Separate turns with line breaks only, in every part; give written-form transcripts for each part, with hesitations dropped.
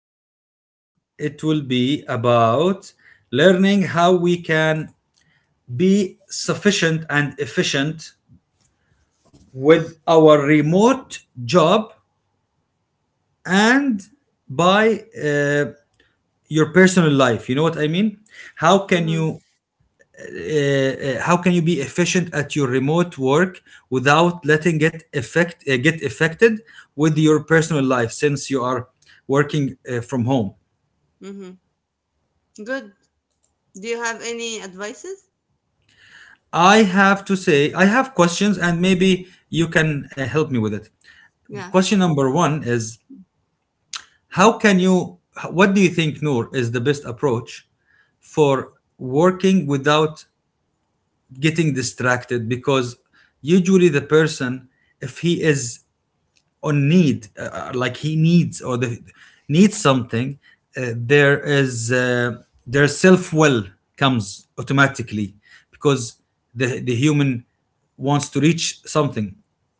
excited.
Number one, it will be about learning how we can be sufficient and efficient with our remote job and by your personal life, you know what I mean, how can
Mm-hmm.
you how can you be efficient at your remote work without letting it affect get affected with your personal life since you are working from home.
Mm-hmm. Good. Do you have any advices?
I have to say I have questions and maybe you can help me with it.
Yeah.
Question number 1 is, how can you, what do you think, Noor, is the best approach for working without getting distracted? Because usually the person, if he is on need, like he needs or needs something, there is their self-will, comes automatically, because the human wants to reach something,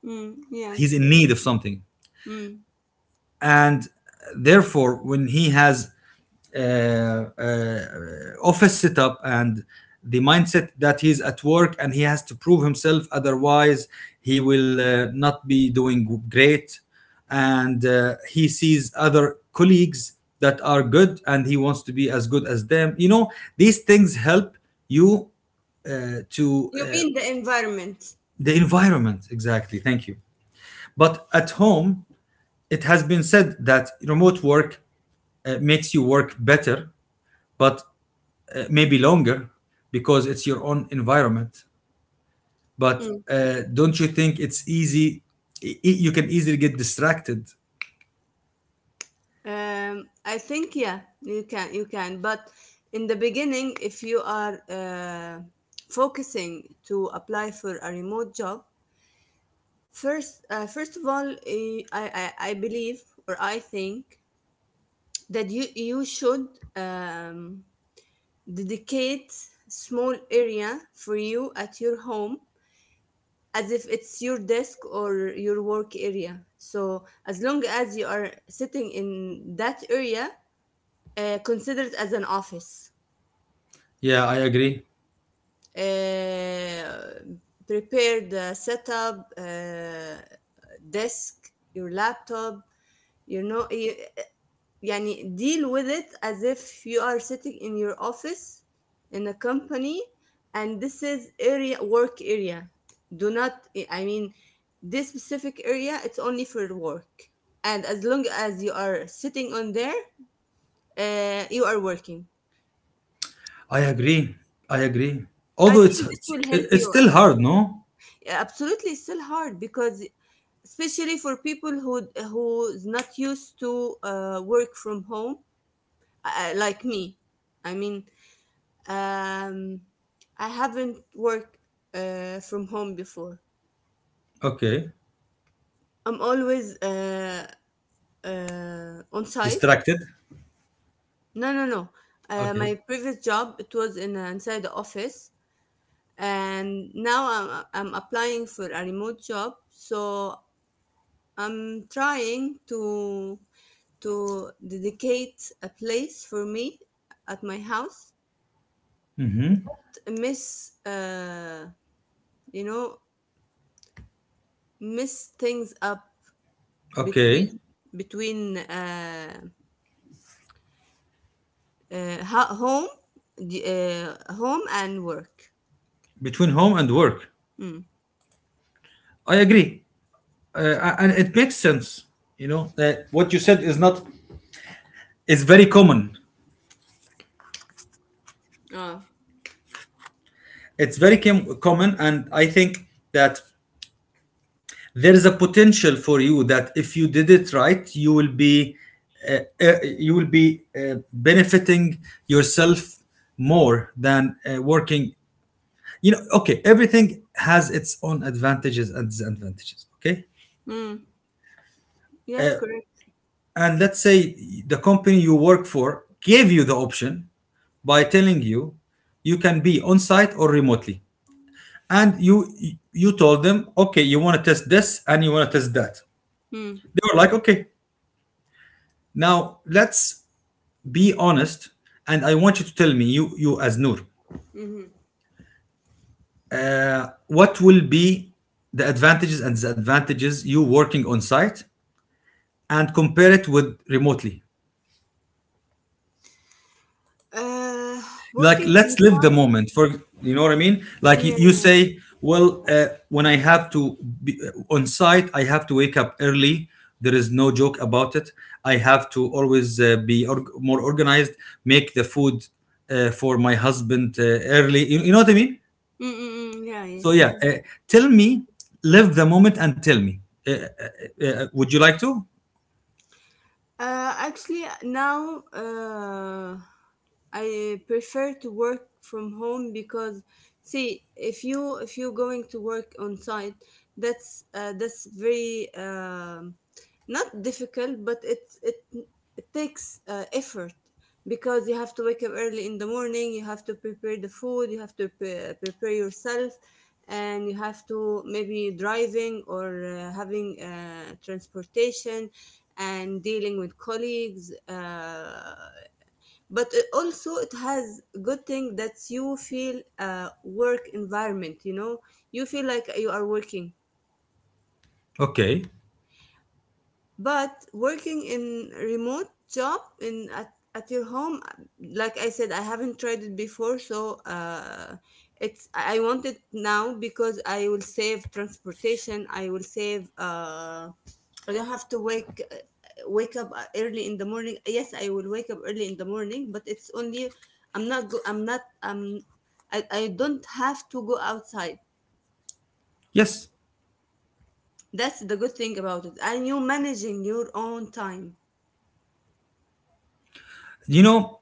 Mm, yeah.
he's in need of something,
Mm.
and therefore when he has uh, uh, office setup and the mindset that he's at work and he has to prove himself, otherwise he will not be doing great, and he sees other colleagues that are good and he wants to be as good as them, you know, these things help you to
You mean the environment?
the environment, exactly, thank you. But at home, it has been said that remote work makes you work better, but maybe longer, because it's your own environment. But
Mm.
don't you think it's easy? You can easily get distracted.
I think yeah, you can. But in the beginning, if you are focusing to apply for a remote job, first of all, I believe or I think that you should um, dedicate small area for you at your home, as if it's your desk or your work area. So as long as you are sitting in that area, consider it as an office.
Yeah, I agree.
uh, Prepare the setup, desk, your laptop, you know, يعني deal with it as if you are sitting in your office in a company. And this is area work area. Do not, I mean, this specific area, it's only for work. And as long as you are sitting on there, you are working.
I agree. I agree.
I
Although it's
think this
it's,
will help
it's
you.
still hard, no?
Absolutely it's still hard because, especially for people who's not used to work from home, like me, I mean, Um, I haven't worked from home before.
Okay.
I'm always on site.
Distracted.
No, no, no.
Okay.
My previous job, it was in inside the office, and now I'm applying for a remote job. So I'm trying to dedicate a place for me at my house. Miss, you know, miss things up
Okay.
between between uh, home the- home and work.
Between home and work.
Mm.
I agree. And it makes sense. You know, what you said is not, is very common.
Ah.
It's very common. And I think that there is a potential for you that if you did it right uh, you will be benefiting yourself more than working, you know. Okay, everything has its own advantages and disadvantages. Okay,
Mm. Yes, correct.
and let's say the company you work for gave you the option by telling you you can be on site or remotely, and you told them okay, you want to test this and you want to test that.
Mm.
They were like, okay, now let's be honest, and I want you to tell me, you as Noor,
Hmm.
what will be the advantages and disadvantages you working on site and compare it with remotely.
uh,
Like,
Working
let's live the
inside.
moment for, you know what I mean, like you
Yeah.
say, well, when I have to be on site, I have to wake up early. There is no joke about it. I have to always be more organized, make the food for my husband, early, you know what I mean.
Mm-mm-mm. Yeah,
So
yes,
yeah,
yes.
tell me, live the moment and tell me. Uh, uh, would you like to?
Actually, now I prefer to work from home because, see, if you're going to work on site, that's very not difficult, but it takes effort, because you have to wake up early in the morning, you have to prepare the food, you have to prepare yourself, and you have to maybe driving or having transportation and dealing with colleagues. But it also it has good thing that you feel work environment, you know, you feel like you are working.
Okay.
But working in remote job in at your home, like I said, I haven't tried it before, so it's I want it now because I will save transportation, I will save I don't have to wake up early in the morning. Yes, I will wake up early in the morning, but it's only, I'm not I don't have to go outside.
Yes.
That's the good thing about it, and you managing your own time.
You know.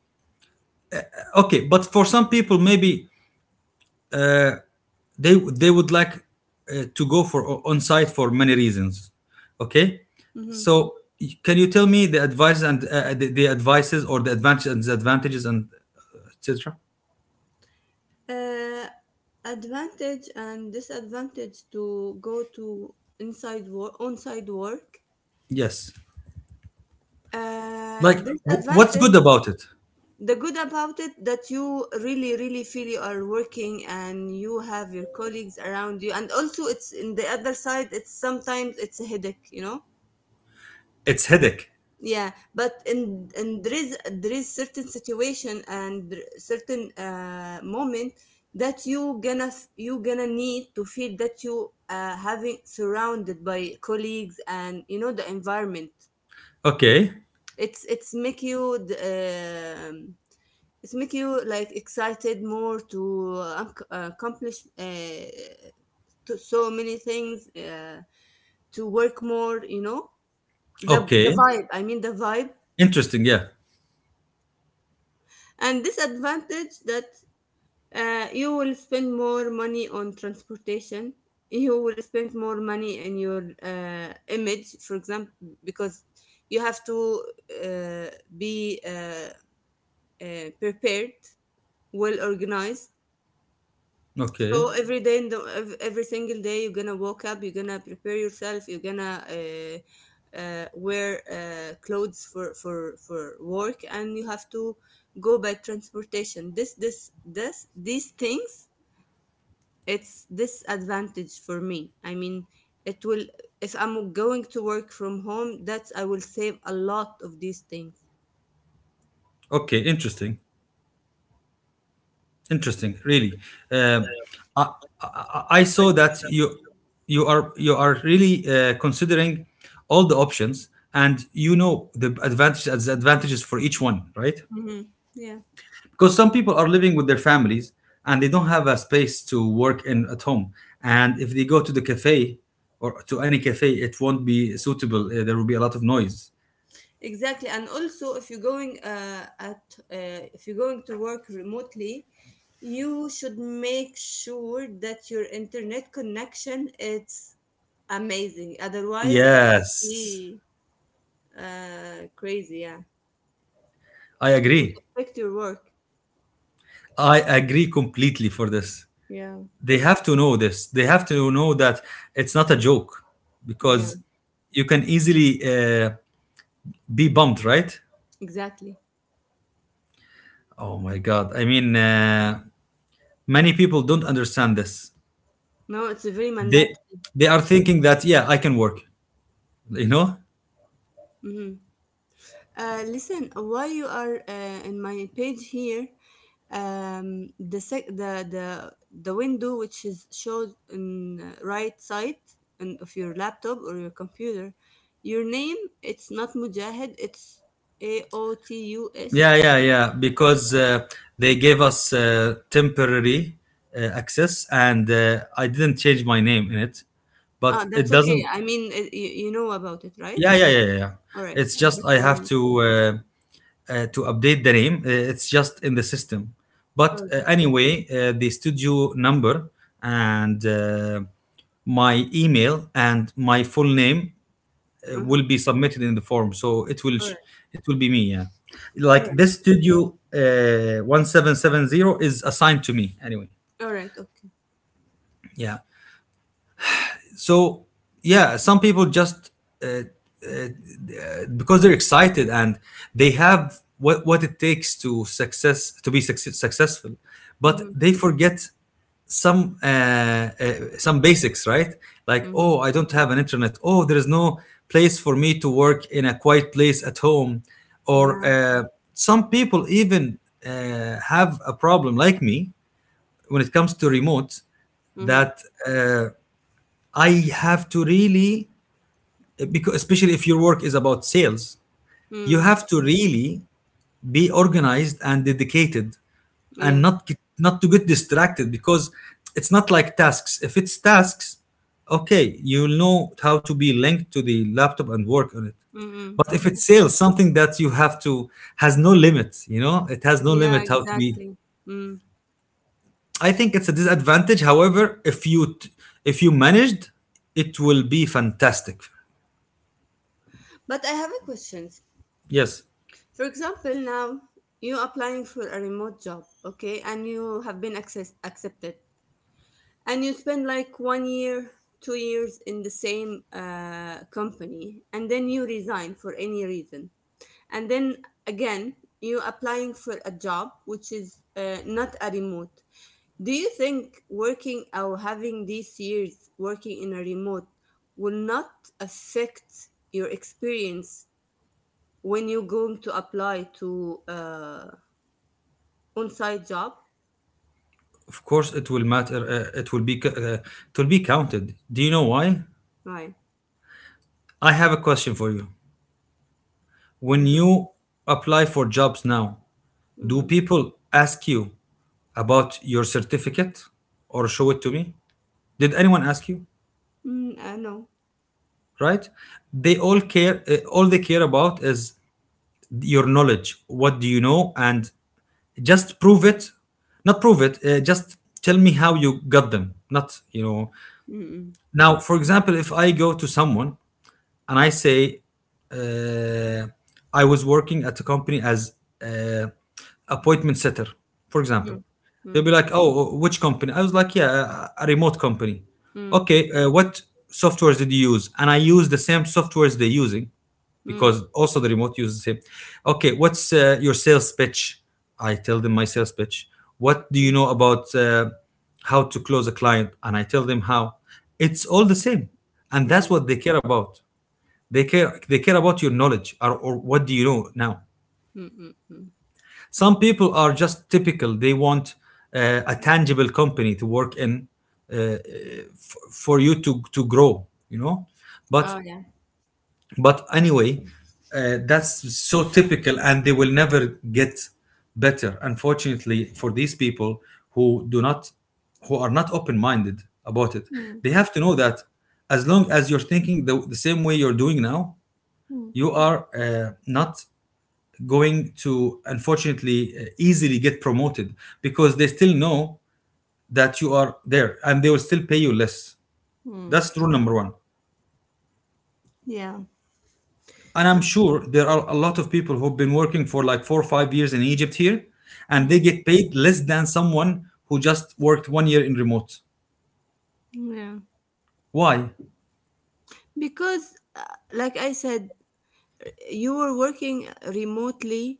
Okay, but for some people, maybe they would like to go for on site for many reasons. Okay.
Hmm.
So can you tell me the advice and the advices or the advantages and disadvantages and etc.
uh, Advantage and disadvantage to go to inside work, on-site work.
Yes. Like what's
Disadvantage.
good about it?
The good about it, that you really really feel you are working and you have your colleagues around you. And also it's, in the other side, it's sometimes it's a headache, you know.
It's headache.
Yeah, but and there is certain situation, and there- certain moment that you you gonna need to feel that you having surrounded by colleagues and you know the environment.
Okay.
It's make you the, it's make you like excited more to accomplish to so many things, to work more. You know, the
Okay.
vibe. I mean the vibe.
Interesting. Yeah.
And this advantage that you will spend more money on transportation, you will spend more money in your image, for example, because you have to be prepared, well organized.
Okay.
So every day, in the every single day, you're gonna wake up, you're gonna prepare yourself, you're gonna wear clothes for, for work, and you have to go by transportation. This these things, it's disadvantage for me. I mean, it will, if I'm going to work from home, that's I will save a lot of these things.
Okay, interesting, interesting. Really, Um I, I saw that you are really considering all the options, and you know the advantages and disadvantages for each one, right?
Hmm. Yeah.
Because some people are living with their families and they don't have a space to work in at home, and if they go to the cafe or to any cafe, it won't be suitable. There will be a lot of noise.
Exactly, and also if you're going at if you're going to work remotely, you should make sure that your internet connection it's amazing. Otherwise, it would
Yes,
be crazy. Yeah,
I
it would
agree.
affect your work.
I agree completely for this.
Yeah,
They have to know this, they have to know that it's not a joke, because
yeah,
you can easily be bumped, right?
exactly.
Oh my god, I mean, many people don't understand this.
No, it's a very
they
mandatory.
they are thinking that yeah, I can work, you know.
Mm-hmm. Listen, while you are in my page here, the window which is shown in right side and of your laptop or your computer, your name, it's not Mujahid, it's AOTUS.
Yeah, yeah, yeah, because they gave us temporary access and I didn't change my name in it, but
Ah,
it
that's okay.
doesn't.
I mean, you know about it, right?
Yeah, yeah, yeah, yeah, yeah.
All right.
It's
I
just
just
I have
want to.
to update the name. It's just in the system.
All
But
right.
anyway, the studio number and my email and my full name
Uh huh.
will be submitted in the form. So it will
All right.
it will be me. Yeah,
All
like
right.
this studio 1770 is assigned to me. Anyway,
All right. Okay.
yeah. So yeah, some people just uh, because they're excited and they have what it takes to success to be successful, but
Mm-hmm.
they forget some uh, uh, some basics, right? Like,
Mm-hmm.
oh, I don't have an internet, oh there is no place for me to work in a quiet place at home, or
Yeah.
some people even have a problem like me when it comes to remote,
Mm-hmm.
that I have to really, because especially if your work is about sales, you
Mm.
have to really be organized and dedicated, and
Yes.
not to get distracted, because it's not like tasks. If it's tasks, okay, you'll know how to be linked to the laptop and work on it, but if
Mm-hmm.
it's sales, something that you have to, has no limit, you know, it has no
Yeah,
limit how to be,
exactly. Mm.
I think it's a disadvantage. However, if if you managed, it will be fantastic.
But I have a question.
Yes.
For example, now you applying for a remote job, okay, and you have been accepted, and you spend like 1 year, 2 years in the same company, and then you resign for any reason, and then again you applying for a job which is not a remote. Do you think working or having these years working in a remote will not affect your experience when you're going to apply to on-site job?
Of course, it will matter. It will be it will be counted. Do you know why?
Right.
I have a question for you. When
Mm-hmm.
you apply for jobs now, do
Mm-hmm.
people ask you about your certificate or show it to me? Did anyone ask you?
Mm, I know.
Right? They all care. All they care about is your knowledge. What do you know? And just prove it. Not prove it. Just tell me how you got them. Not you know.
Mm-mm.
Now, for example, if I go to someone and I say, uh, I was working at a company as uh, appointment setter, for example.
Mm.
They'll be
Mm.
like, "Oh, which company?" I was like, "Yeah, a remote company."
Mm.
Okay, what softwares did you use? And I use the same softwares they're using,
Mm.
because also the remote uses the same. Okay, what's your sales pitch? I tell them my sales pitch. What do you
Mm.
know about how to close a client? And I tell them how. It's all the same, and
Mm.
that's
Mm.
what they care about. They care they care about your knowledge, or what do you know. Now
Mm. Mm.
some people are just typical, they want a tangible company to work in, uh, uh,
Mm.
f- for you to grow, you know. but
Oh yeah.
but anyway, that's so typical and they will never get better, unfortunately, for these people who do not, who are not open-minded about it.
Mm.
They have to know that as long as you're thinking the same way you're doing now,
Mm.
you are not going to, unfortunately, easily get promoted, because they still know that you are there and they will still pay you less.
Mm.
That's rule number one.
Yeah.
And I'm sure there are a lot of people who've been working for like 4 or 5 years in Egypt here, and they
Mm.
get paid less than someone who just worked one year in remote.
Yeah.
Why?
Because, like I said, you were working remotely,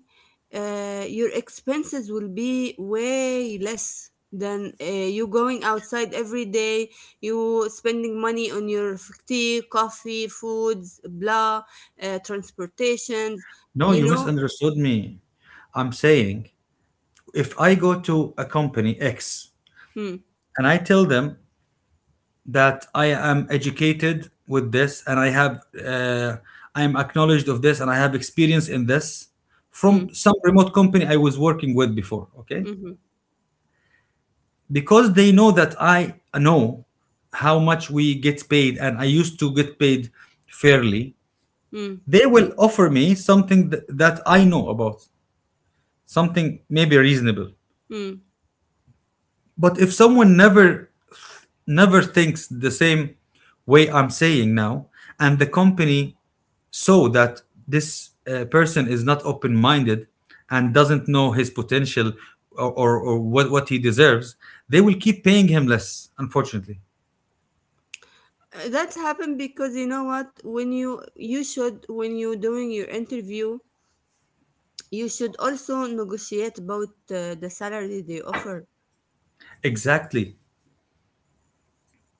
your expenses will be way less than you going outside every day, you spending money on your tea, coffee, foods, blah, transportations,
No,
you
you
know?
misunderstood me. I'm saying, if I go to a company x
Mm,
and I tell them that I am educated with this and I have I am acknowledged of this and I have experience in this
mm,
from some remote company I was working with before, okay,
mhm,
because they know that I know how much we get paid and I used to get paid fairly,
mm,
they will offer me something that I know about, something maybe reasonable.
mm.
But if someone never, never thinks the same way I'm saying now, and the company, so that this person is not open minded and doesn't know his potential, what he deserves, they will keep paying him less, unfortunately.
That happened because, you know what? When you should when you doing your interview, you should also negotiate about the salary they offer.
Exactly.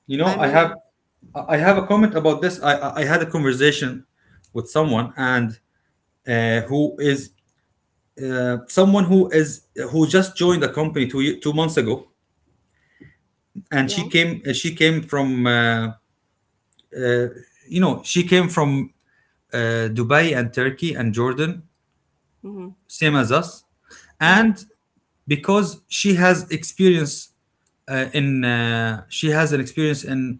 You know,
I mean,
I have a comment about this. I had a conversation with someone and who is someone who is, who just joined a company 2 months ago, and
yeah.
she came from you know, she came from Dubai and Turkey and Jordan,
Mhm.
same as us,
Mhm.
and because she has experience in she has an experience in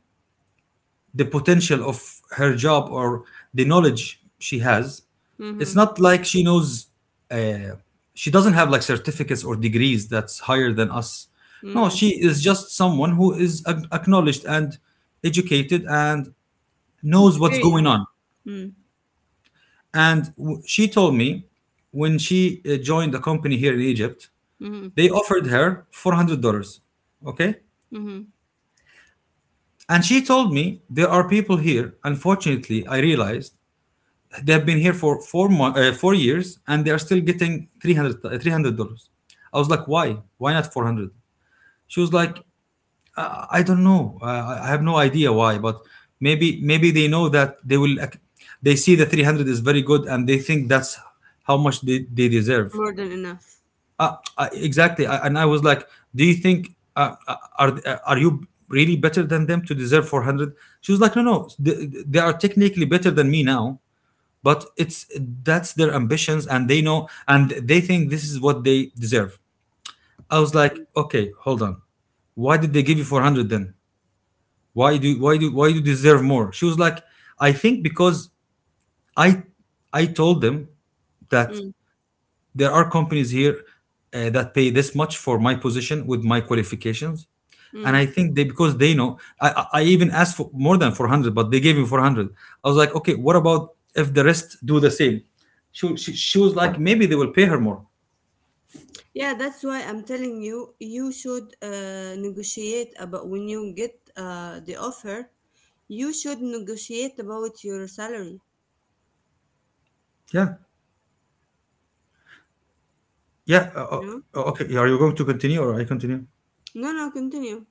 the potential of her job or the knowledge she has. It's
Mhm.
not like she knows. Uh, she doesn't have like certificates or degrees that's higher than us. No,
Mhm.
she is just someone who is acknowledged and educated and knows what's going
Experience.
on.
Mm.
And she told me when she joined a company here in Egypt.
Mhm.
They offered her $400. Okay.
Mhm.
And she told me, there are people here. Unfortunately, I realized they've been here for four years, and they are still getting three hundred dollars. I was like, why? Why not 400? She was like, I don't know. I have no idea why, but maybe they know that they see the 300 is very good and they think that's how much they deserve.
More than enough.
Exactly. And I was like, do you think are you really better than them to deserve 400? She was like, no, no. They are technically better than me now, but it's that's their ambitions, and they know, and they think this is what they deserve. I was like, okay, hold on. Why did they give you 400 then? Why do you deserve more? She was like, I think because I I told them that
Mm.
there are companies here that pay this much for my position with my qualifications, and I
Mm.
think they because they know I even asked for more than 400, but they gave me 400. I was like, okay, what about if the rest do the same? She was like, maybe they will pay her more.
Yeah, that's why I'm telling you, you should negotiate about when you get the offer, you should negotiate about your salary.
Yeah, yeah.
You know?
Okay. Yeah, are you going to continue, or I continue?
No, no, continue.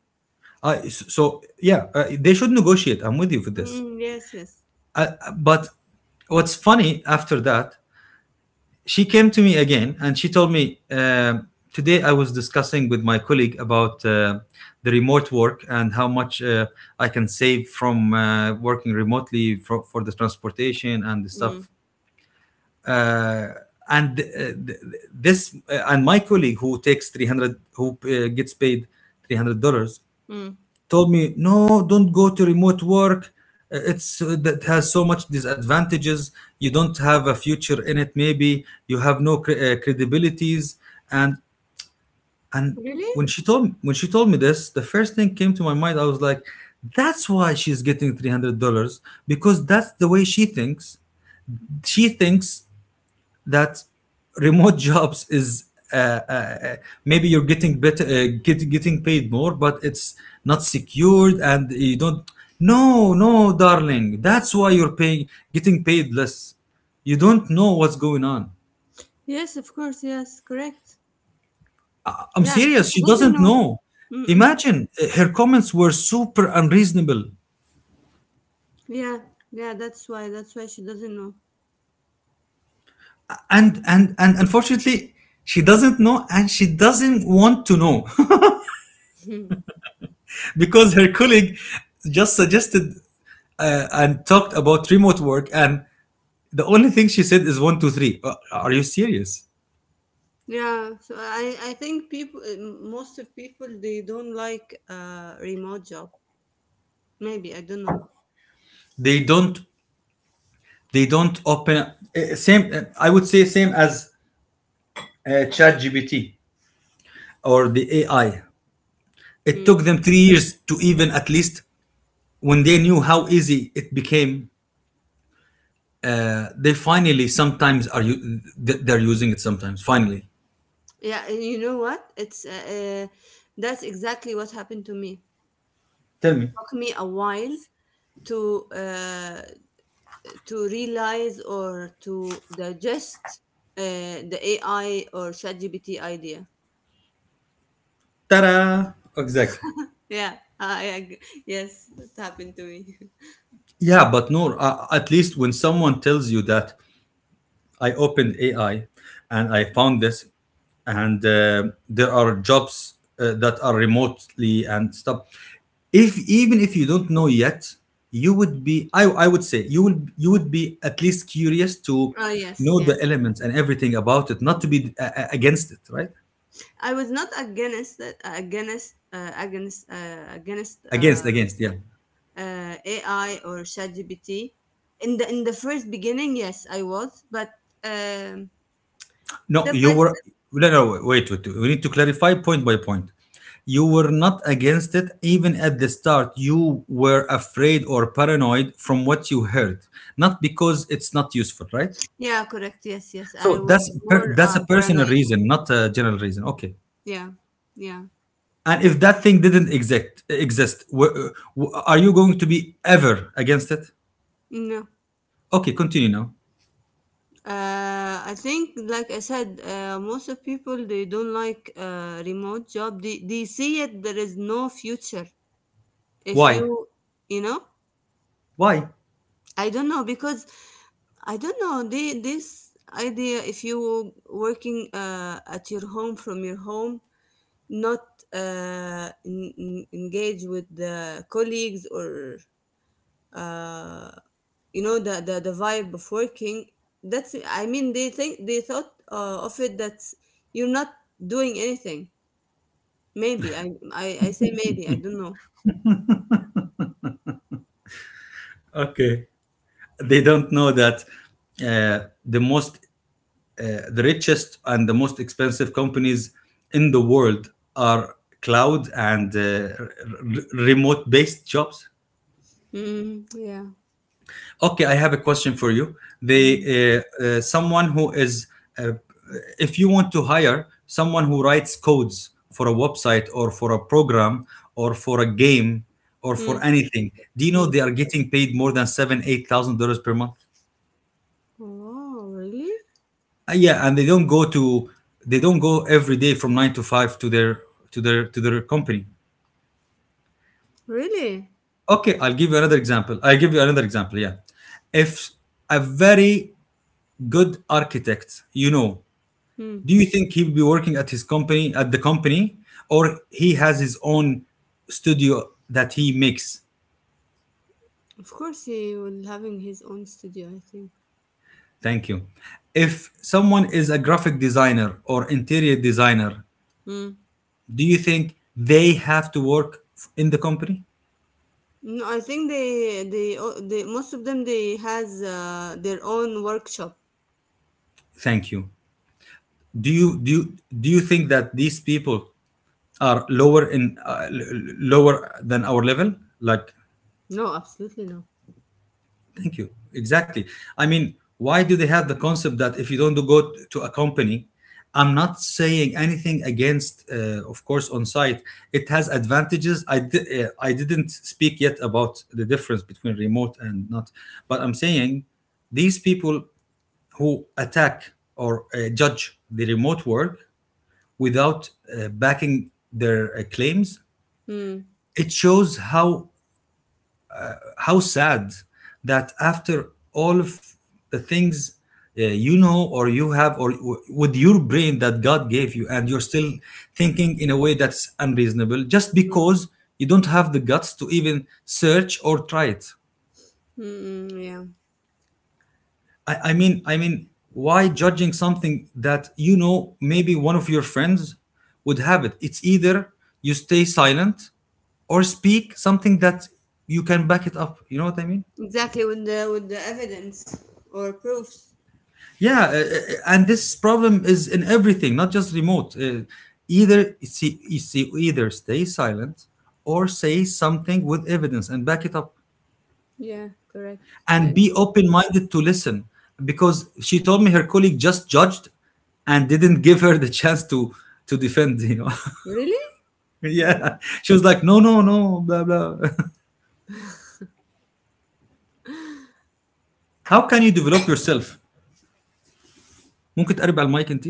So, yeah, they should negotiate. I'm with you for this.
Mm, yes, yes.
uh, but what's funny, after that, she came to me again, and she told me, today I was discussing with my colleague about the remote work and how much I can save from working remotely, for the transportation and the
Mm,
stuff. Uh, and uh, th- this uh, and my colleague, who takes 300, who gets paid $300,
mm.
told me, no, don't go to remote work. It's That has so much disadvantages. You don't have a future in it. Maybe you have no credibilities. And and
Really?
when she told me this, the first thing came to my mind, I was like, that's why she's getting $300, because that's the way She thinks that remote jobs is— uh, uh, uh, maybe you're getting better, getting paid more, but it's not secured, and you don't— no, no, darling, that's why you're paying getting paid less. You don't know what's going on.
Yes, of course. Yes, correct.
I'm
Yeah,
serious,
because she
she
doesn't
doesn't
know.
know.
Mm-mm.
Imagine, her comments were super unreasonable.
Yeah, yeah. That's why. That's why she doesn't know.
And unfortunately, she doesn't know, and she doesn't want to know, because her colleague just suggested and talked about remote work, and the only thing she said is one, two, three. Are you serious?
Yeah, so I think people, most of people, they don't like remote job. Maybe, I don't know.
They don't. They don't open. Same. I would say same as ChatGPT or the AI. It
Mm.
took them 3 years to even at least when they knew how easy it became. They finally sometimes are you. They're using it sometimes. Finally,
Yeah, and you know what? It's that's exactly what happened to me.
tell me.
Took me a while to uh to realize or to digest the AI or ChatGPT idea.
Ta-da! Exactly.
Yeah, I yes, it happened to me.
Yeah, but Noor, at least when someone tells you that I opened AI and I found this, and there are jobs that are remotely and stuff. If even if you don't know yet, you would be. I would say you would be at least curious to
Oh yes,
know the elements and everything about it, not to
yes.
be against it, right?
I was not against it, against against against
Against, against, yeah.
AI or ChatGPT. In the first beginning, yes, I was, but um,
No,
step
you
by
were.
step,
No, no, wait, wait. Wait. We need to clarify point by point. You were not against it even at the start. You were afraid or paranoid from what you heard, not because it's not useful, right?
yeah, correct, yes, yes, I
So
was more
that's a personal
paranoid.
reason, not a general reason. Okay.
Yeah, yeah,
And if that thing didn't exist, are you going to be ever against it?
no.
Okay, continue now.
I think, like I said, most of people they don't like remote job. They see it. There is no future if you
Why?
you know.
Why?
I don't know because I don't know the, this idea, if you working at your home, from your home, not engage with the colleagues or uh, you know, the vibe of working. That's, I mean, they think they thought of it that you're not doing anything. Maybe, I say maybe, I don't know.
Okay. They don't know that uh, the most The richest and the most expensive companies in the world are cloud and r- remote based jobs.
Mm, yeah.
Okay, I have a question for you. They,
Mm,
someone who is, uh, if you want to hire someone who writes codes for a website or for a program or for a game or
mm,
for anything, do you know
mm.
they are getting paid more than seven, $8,000 per month?
Wow, really.
Yeah, and they don't go every day from 9 to 5 to their company.
Really.
Okay, I'll give you another example, yeah. If a very good architect, you know,
Mm.
do you think he'll be working at his company, at the company or he has his own studio that he makes?
Of course, he will having his own studio, I think.
Thank you. If someone is a graphic designer or interior designer,
Mm.
do you think they have to work in the company?
No, I think they o- they most of them they has their own workshop.
Thank you. Do you think that these people are lower in lower than our level, like?
No, absolutely no.
Thank you. Exactly. I mean, why do they have the concept that if you don't to a company— I'm not saying anything against, of course, on site it has advantages. I didn't speak yet about the difference between remote and not. But I'm saying, these people who attack or judge the remote work without backing their claims.
Mm.
It shows how sad, that after all of the things, you know, or you have, or with your brain that God gave you, and you're still thinking in a way that's unreasonable, just
Mm.
because you don't have the guts to even search or try it.
Mm-mm, yeah,
I mean, why judging something that you know maybe one of your friends would have it? It's either you stay silent or speak something that you can back it up. You know what I mean?
exactly with the evidence or proofs.
Yeah, and this problem is in everything, not just remote. Either, it's, you see, either stay silent or say something with evidence and back it up.
Yeah, correct. I
And be
agree.
open minded to listen, because she told me her colleague just judged and didn't give her the chance to defend.
Really? Wow.
Yeah. She was like, no, no, no, blah blah. How can you develop yourself? ممكن تقرب على المايك انت.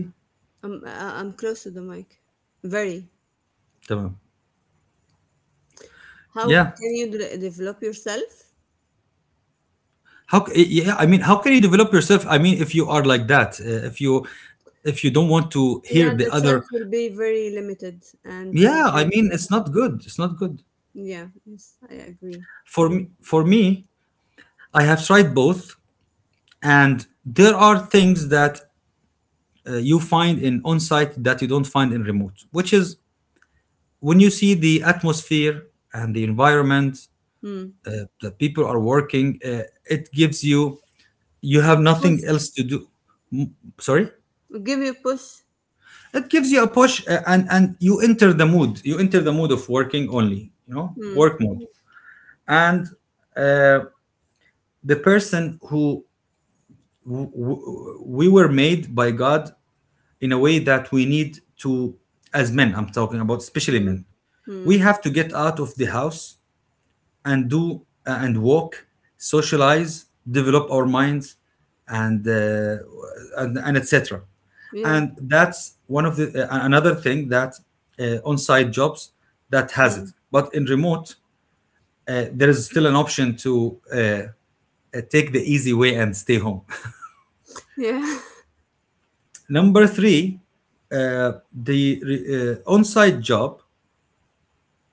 I'm close to the mic. Very.
تمام.
How
Yeah.
can you develop yourself?
Yeah, I mean, how can you develop yourself? I mean, if you are like that, if you don't want to hear
Yeah,
the
the
other.
chance will be very limited and will
Yeah, I
be.
mean, it's not good, it's not good.
Yeah, yes, I agree.
For me, for me I have tried both, and there are things that you find in on-site that you don't find in remote, which is when you see the atmosphere and the environment
Mm.
that people are working, it gives you— you have nothing
Push,
else to do. Sorry,
give you push.
it gives you a push, and you enter the mood. You enter the mood of working only, you know,
Mm.
work mode. And uh, the person who— we were made by God in a way that we need to, as men, I'm talking about, especially
Mm.
men, we
Mm.
have to get out of the house and do and walk, socialize, develop our minds, and etc.
Yeah.
And that's one of the another thing that on-site jobs that has
Mm.
it. But in remote, there is still an option to uh, uh, take the easy way and stay home.
Yeah.
Number 3, on-site job,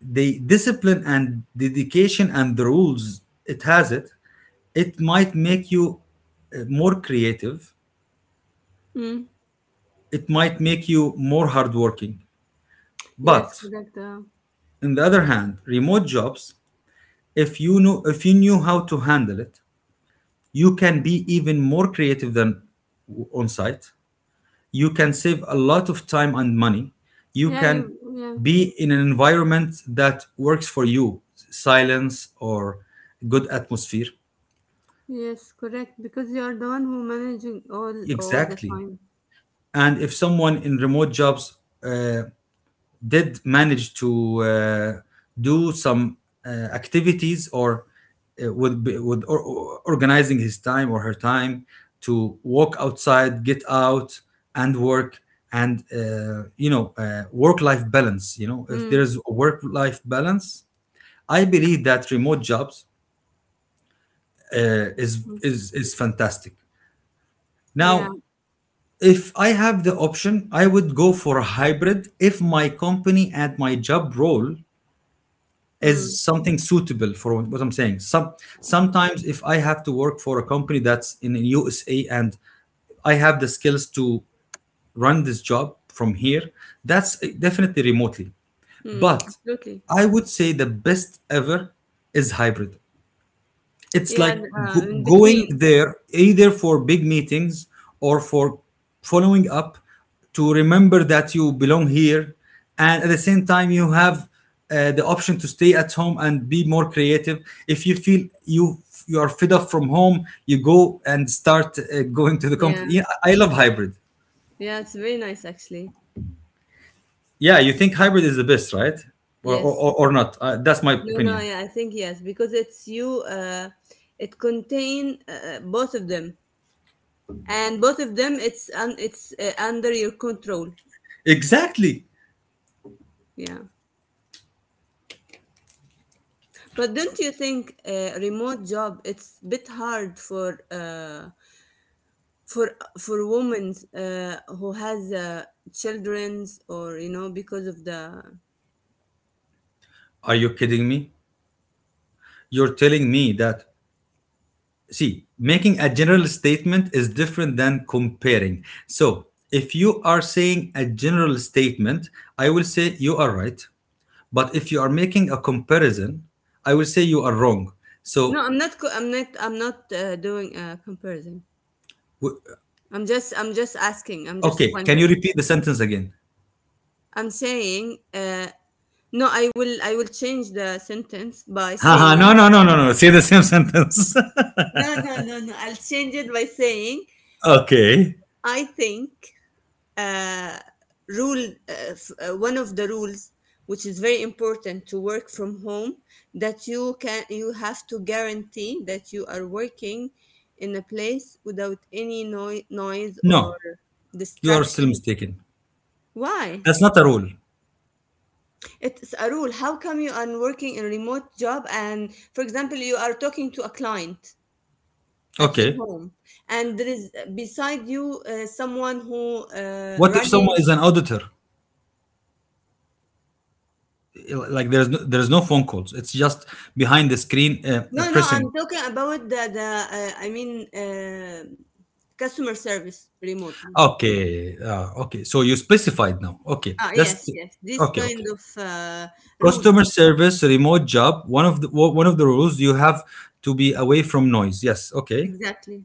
the discipline and dedication and the rules it has it might make you more creative,
Mm.
it might make you more hardworking.
Yes,
But
correct.
on the other hand, remote jobs, if you knew how to handle it, you can be even more creative than on site you can save a lot of time and money. You
Yeah,
can
you, yeah.
be in an environment that works for you, silence or good atmosphere.
Yes, correct. Because you are the one who managing all the
Exactly.
time.
And if someone in remote jobs uh, did manage to do some activities, or would be, would or- organizing his time or her time, to walk outside, get out and work, and you know, work life balance, you know, if
Mm.
there's a work life balance, I believe that remote jobs is
Mm.
is is fantastic. Now,
Yeah.
if I have the option, I would go for a hybrid if my company and my job role
Mm.
is something suitable for what I'm saying. Sometimes, if I have to work for a company that's in the USA, and I have the skills to run this job from here, that's definitely remotely.
Mm.
But
Absolutely.
I would say the best ever is hybrid. It's
Yeah. And,
like go-
In
going
between.
there either for big meetings or for following up, to remember that you belong here, and at the same time you have the option to stay at home and be more creative. If you feel you are fed up from home, you go and start going to the
Yeah.
company. Yeah, I love hybrid.
Yeah. It's very nice, actually.
Yeah, you think hybrid is the best, right? or or,
Yes.
or or not? That's my
No. No.
opinion.
Yeah. I think yes, because it's you. It contain both of them and both of them it's under your control.
Exactly.
Yeah, but don't you think a remote job it's a bit hard for for women who has children's or you know because of the.
Are you kidding me? You're telling me that, see, making a general statement is different than comparing. So if you are saying a general statement, I will say you are right, but if you are making a comparison, I will say you are wrong.
No
So
I'm not co- I'm not doing a comparison.
w-
I'm just asking, I'm just
okay, can you
wondering.
repeat the sentence again?
I'm saying, no, I will change the sentence by
Haha, no
saying,
no no no no, say the same sentence.
no, I'll change it by saying
Okay.
I think uh, one of the rules which is very important to work from home, that you have to guarantee that you are working in a place without any noise or
No, you are still
distractions.
mistaken.
Why?
That's not a rule.
It's a rule. How come you are working in a remote job and, for example, you are talking to a client at your
Okay,
home, and there is beside you someone who
what if
running?
someone is an auditor? Like there's no phone calls, it's just behind the screen
No, no, I'm
pressing.
talking about the I mean, customer service remotely.
Okay. Okay. So you specified now. Okay.
Ah,
That's
yes, yes, this
okay.
kind
Okay.
of rules.
Customer service, remote job. One of the rules you have to be away from noise. Yes. Okay.
Exactly.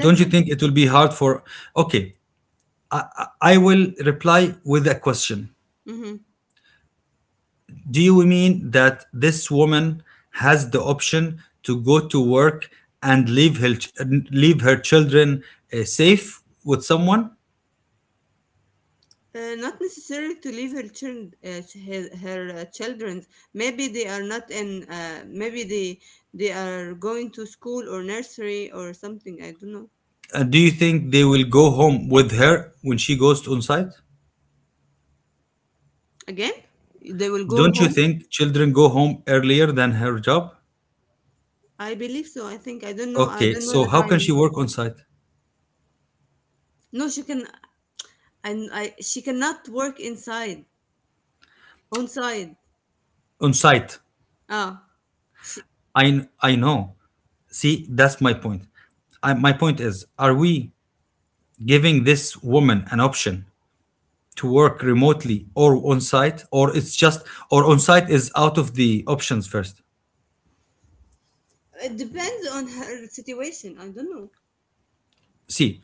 Don't you
it.
think it will be hard for? Okay. I will reply with a question.
Hmm.
Do you mean that this woman has the option to go to work and leave her children safe with someone?
Not necessary to leave her children, her children. Maybe they are not in. Maybe they are going to school or nursery or something. I don't know.
Do you think they will go home with her when she goes on site?
Again, they will go
Don't you
home.
think children go home earlier than her job?
I believe so. I think I don't know. I
Okay,
don't know
so
the
how can she
timing.
work on site?
No, she can. And I she cannot work inside on side.
On site.
Ah, she
I know. See, that's my point. I, my point is, are we giving this woman an option to work remotely or on site, or it's just or on site is out of the options first?
it depends on her situation. I don't know.
See,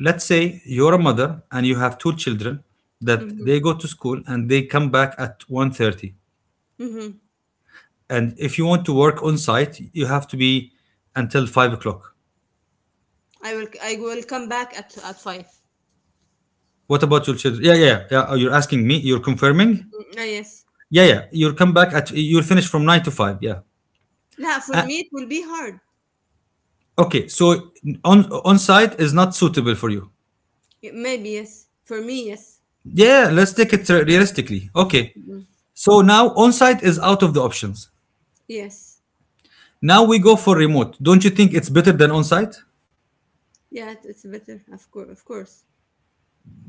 let's say you're a mother and you have two children that
Mm-hmm.
they go to school and they come back at 1:30.
Mm-hmm.
And if you want to work on site, you have to be until 5 o'clock.
I will come back at five.
What about your children? Yeah, yeah, yeah. Oh, you're asking me. You're
Mm,
confirming.
ah, yes.
Yeah, yeah. You'll come back at. You'll finish from nine to five. Yeah.
No, for
Uh,
me it will be hard.
okay. So on site is not suitable for you.
Y- maybe yes. For me yes.
Yeah. Let's take it realistically. Okay.
Mhm.
So now on site is out of the options.
Yes.
Now we go for remote. Don't you think it's better than on site?
Yeah, it's better. Of course, of course.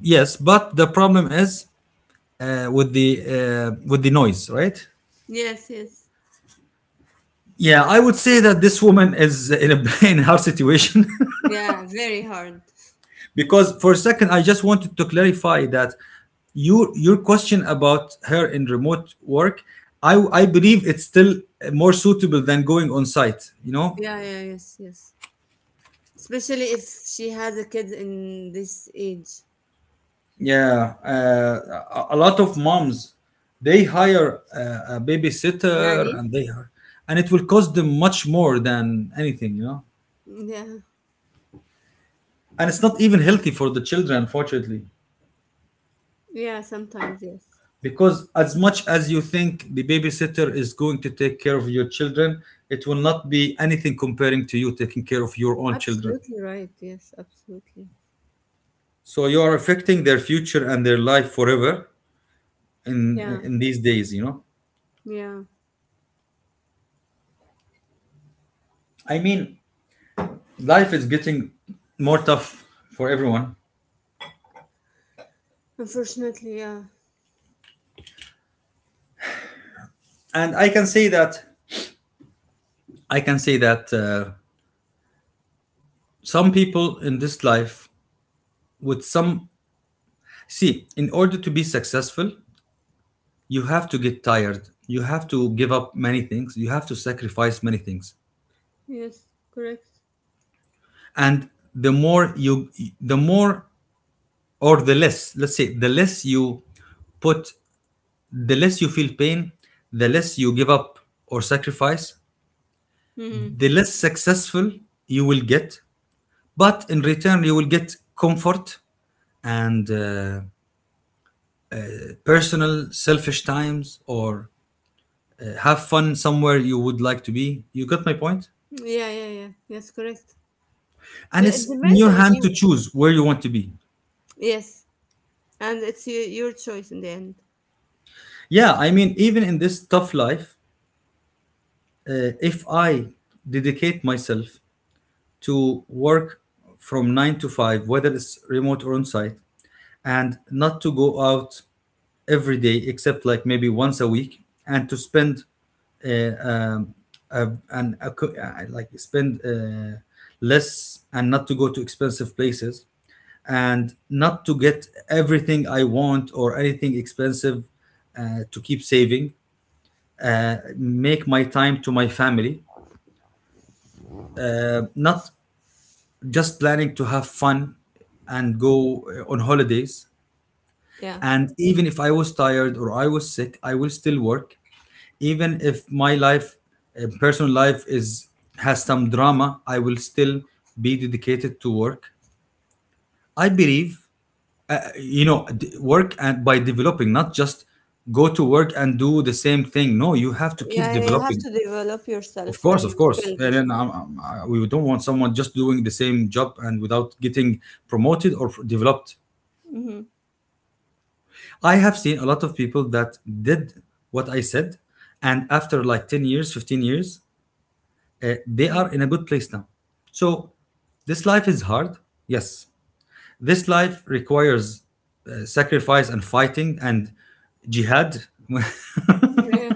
Yes, but the problem is with the noise, right?
Yes, yes.
Yeah, I would say that this woman is in a in her situation
Yeah, very hard.
because for a second I just wanted to clarify that your question about her in remote work, I I believe it's still more suitable than going on site. You know,
Yeah, yeah, yes, yes. Especially if she has a kid in this age.
yeah, a lot of moms, they hire a, a babysitter,
Nanny?
and they hire, and it will cost them much more than anything. You know,
Yeah.
and it's not even healthy for the children, unfortunately.
Yeah, sometimes, yes.
Because as much as you think the babysitter is going to take care of your children, it will not be anything comparing to you taking care of your own children.
Absolutely right. Yes, absolutely.
So you are affecting their future and their life forever,
Yeah,
in these days, you know.
yeah.
I mean, life is getting more tough for everyone.
Unfortunately, yeah.
And I can say that some people in this life with some, see, in order to be successful, you have to get tired, you have to give up many things, you have to sacrifice many things.
Yes, correct.
And the more you the more or the less, let's say, the less you put, the less you feel pain, the less you give up or sacrifice,
Mm-hmm.
the less successful you will get. But in return you will get comfort and personal selfish times or have fun somewhere you would like to be. You got my point?
Yeah, yeah, yeah. Yes, correct.
And
It
it's in
depends
your
on
hand to
you.
choose where you want to be.
Yes, and it's your choice in the end.
Yeah, I mean, even in this tough life, if I dedicate myself to work from 9 to 5, whether it's remote or on site, and not to go out every day except like maybe once a week, and to spend uh, um, like spend less, and not to go to expensive places, and not to get everything I want or anything expensive, to keep saving. Make my time to my family, not just planning to have fun and go on holidays.
Yeah.
And even if I was tired or I was sick, I will still work. Even if my life, personal life, is has some drama, I will still be dedicated to work. I believe, you know, work and by developing, not just go to work and do the same thing. No, you have to keep
Yeah, you have
developing.
to develop
Of
yourself
course,
and
of
your
course.
skills
And
as
then
well.
we don't want someone just doing the same job and without getting promoted or developed.
Mm-hmm.
I have seen a lot of people that did what I said, and after like 10 years, 15 years, they
Mm.
are in a good place now. So this life is hard. Yes, this life requires sacrifice and fighting and jihad.
Yeah.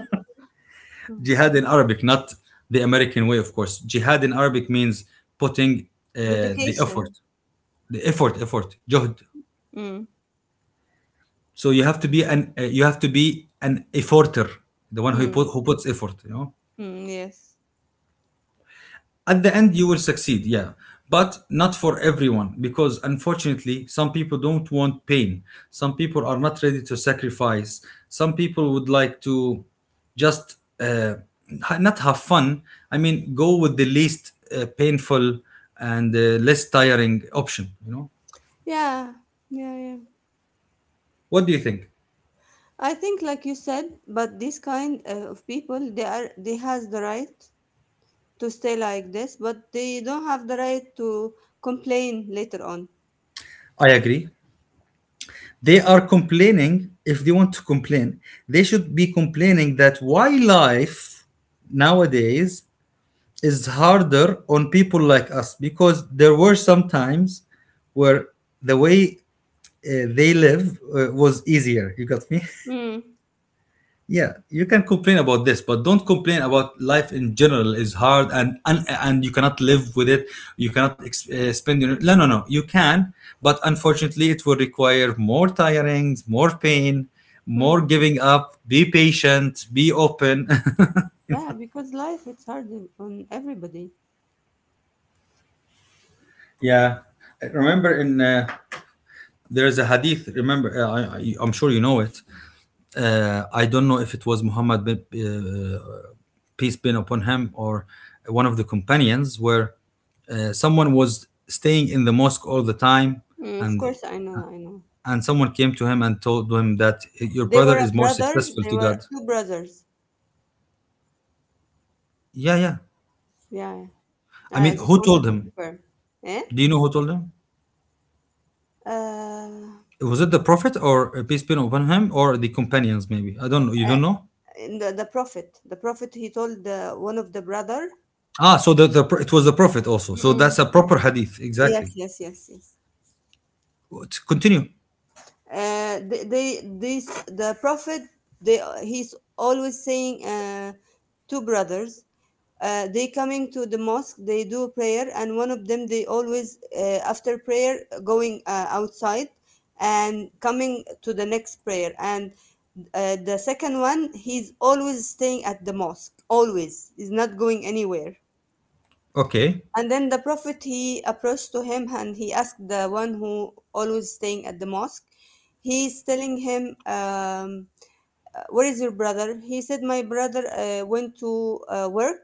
Jihad in Arabic, not the American way, of course. Jihad in Arabic means putting the effort,
Dedication.
effort, juhd.
Mm,
So you have to be an you have to be an efforter, the one who
mm,
put, who puts effort. You know.
mm, yes.
At the end you will succeed, yeah, but not for everyone, because unfortunately some people don't want pain, some people are not ready to sacrifice, some people would like to just not have fun. I mean, go with the least painful and less tiring option, you know.
Yeah, yeah, yeah.
What do you think?
I think, like you said, but this kind of people, they are they has the right to stay like this, but they don't have the right to complain later on.
I agree. They are complaining. If they want to complain, they should be complaining that why life nowadays is harder on people like us, because there were some times where the way they live was easier. You got me?
Mm,
Yeah, you can complain about this, but don't complain about life in general is hard and you cannot live with it. You cannot spend your no no no. You can, but unfortunately, it will require more tirings, more pain, more
mm,
giving up. Be patient. Be open.
yeah, because life it's hard on everybody.
Yeah, I remember in. There is a hadith. Remember, I am sure you know it. I don't know if it was Muhammad, bin, peace be upon him, or one of the companions, where someone was staying in the mosque all the time,
Mm, of
and
course, I know, I know.
and someone came to him and told him that your
They
brother
were a
is more
brother.
successful
They
to God.
were two brothers.
Yeah, yeah.
Yeah, yeah.
I
I
mean,
just
who
wanted
told
to
him?
confirm. Eh?
Do you know who told him?
Uh,
Was it the prophet, or peace be upon him, or the companions? Maybe I don't know. You don't know.
in the prophet, he told one of the brother.
Ah, so the, it was the prophet also.
Mm,
So that's
mm.
a proper hadith,
Yes,
exactly.
yes, yes, yes.
To continue.
The prophet they he's always saying two brothers they coming to the mosque, they do prayer, and one of them they always after prayer going outside and coming to the next prayer, and the second one he's always staying at the mosque, always he's not going anywhere.
Okay.
And then the Prophet he approached to him and he asked the one who always staying at the mosque. He's telling him, "Where is your brother?" He said, "My brother went to work.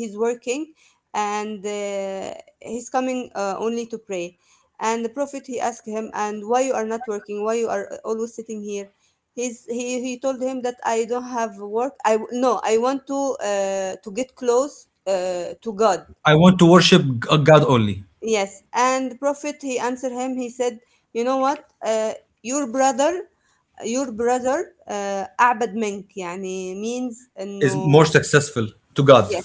He's working, and he's coming only to pray." And the Prophet he asked him, "And why you are not working? Why you are always sitting here?" He told him that I don't have work. I w- no, I want to get close to God.
I want to worship a God only.
Yes, and the prophet he answered him. He said, "You know what? Your brother, your brother, أعبد منك." يعني means
Is more
إنه
successful to God.
yes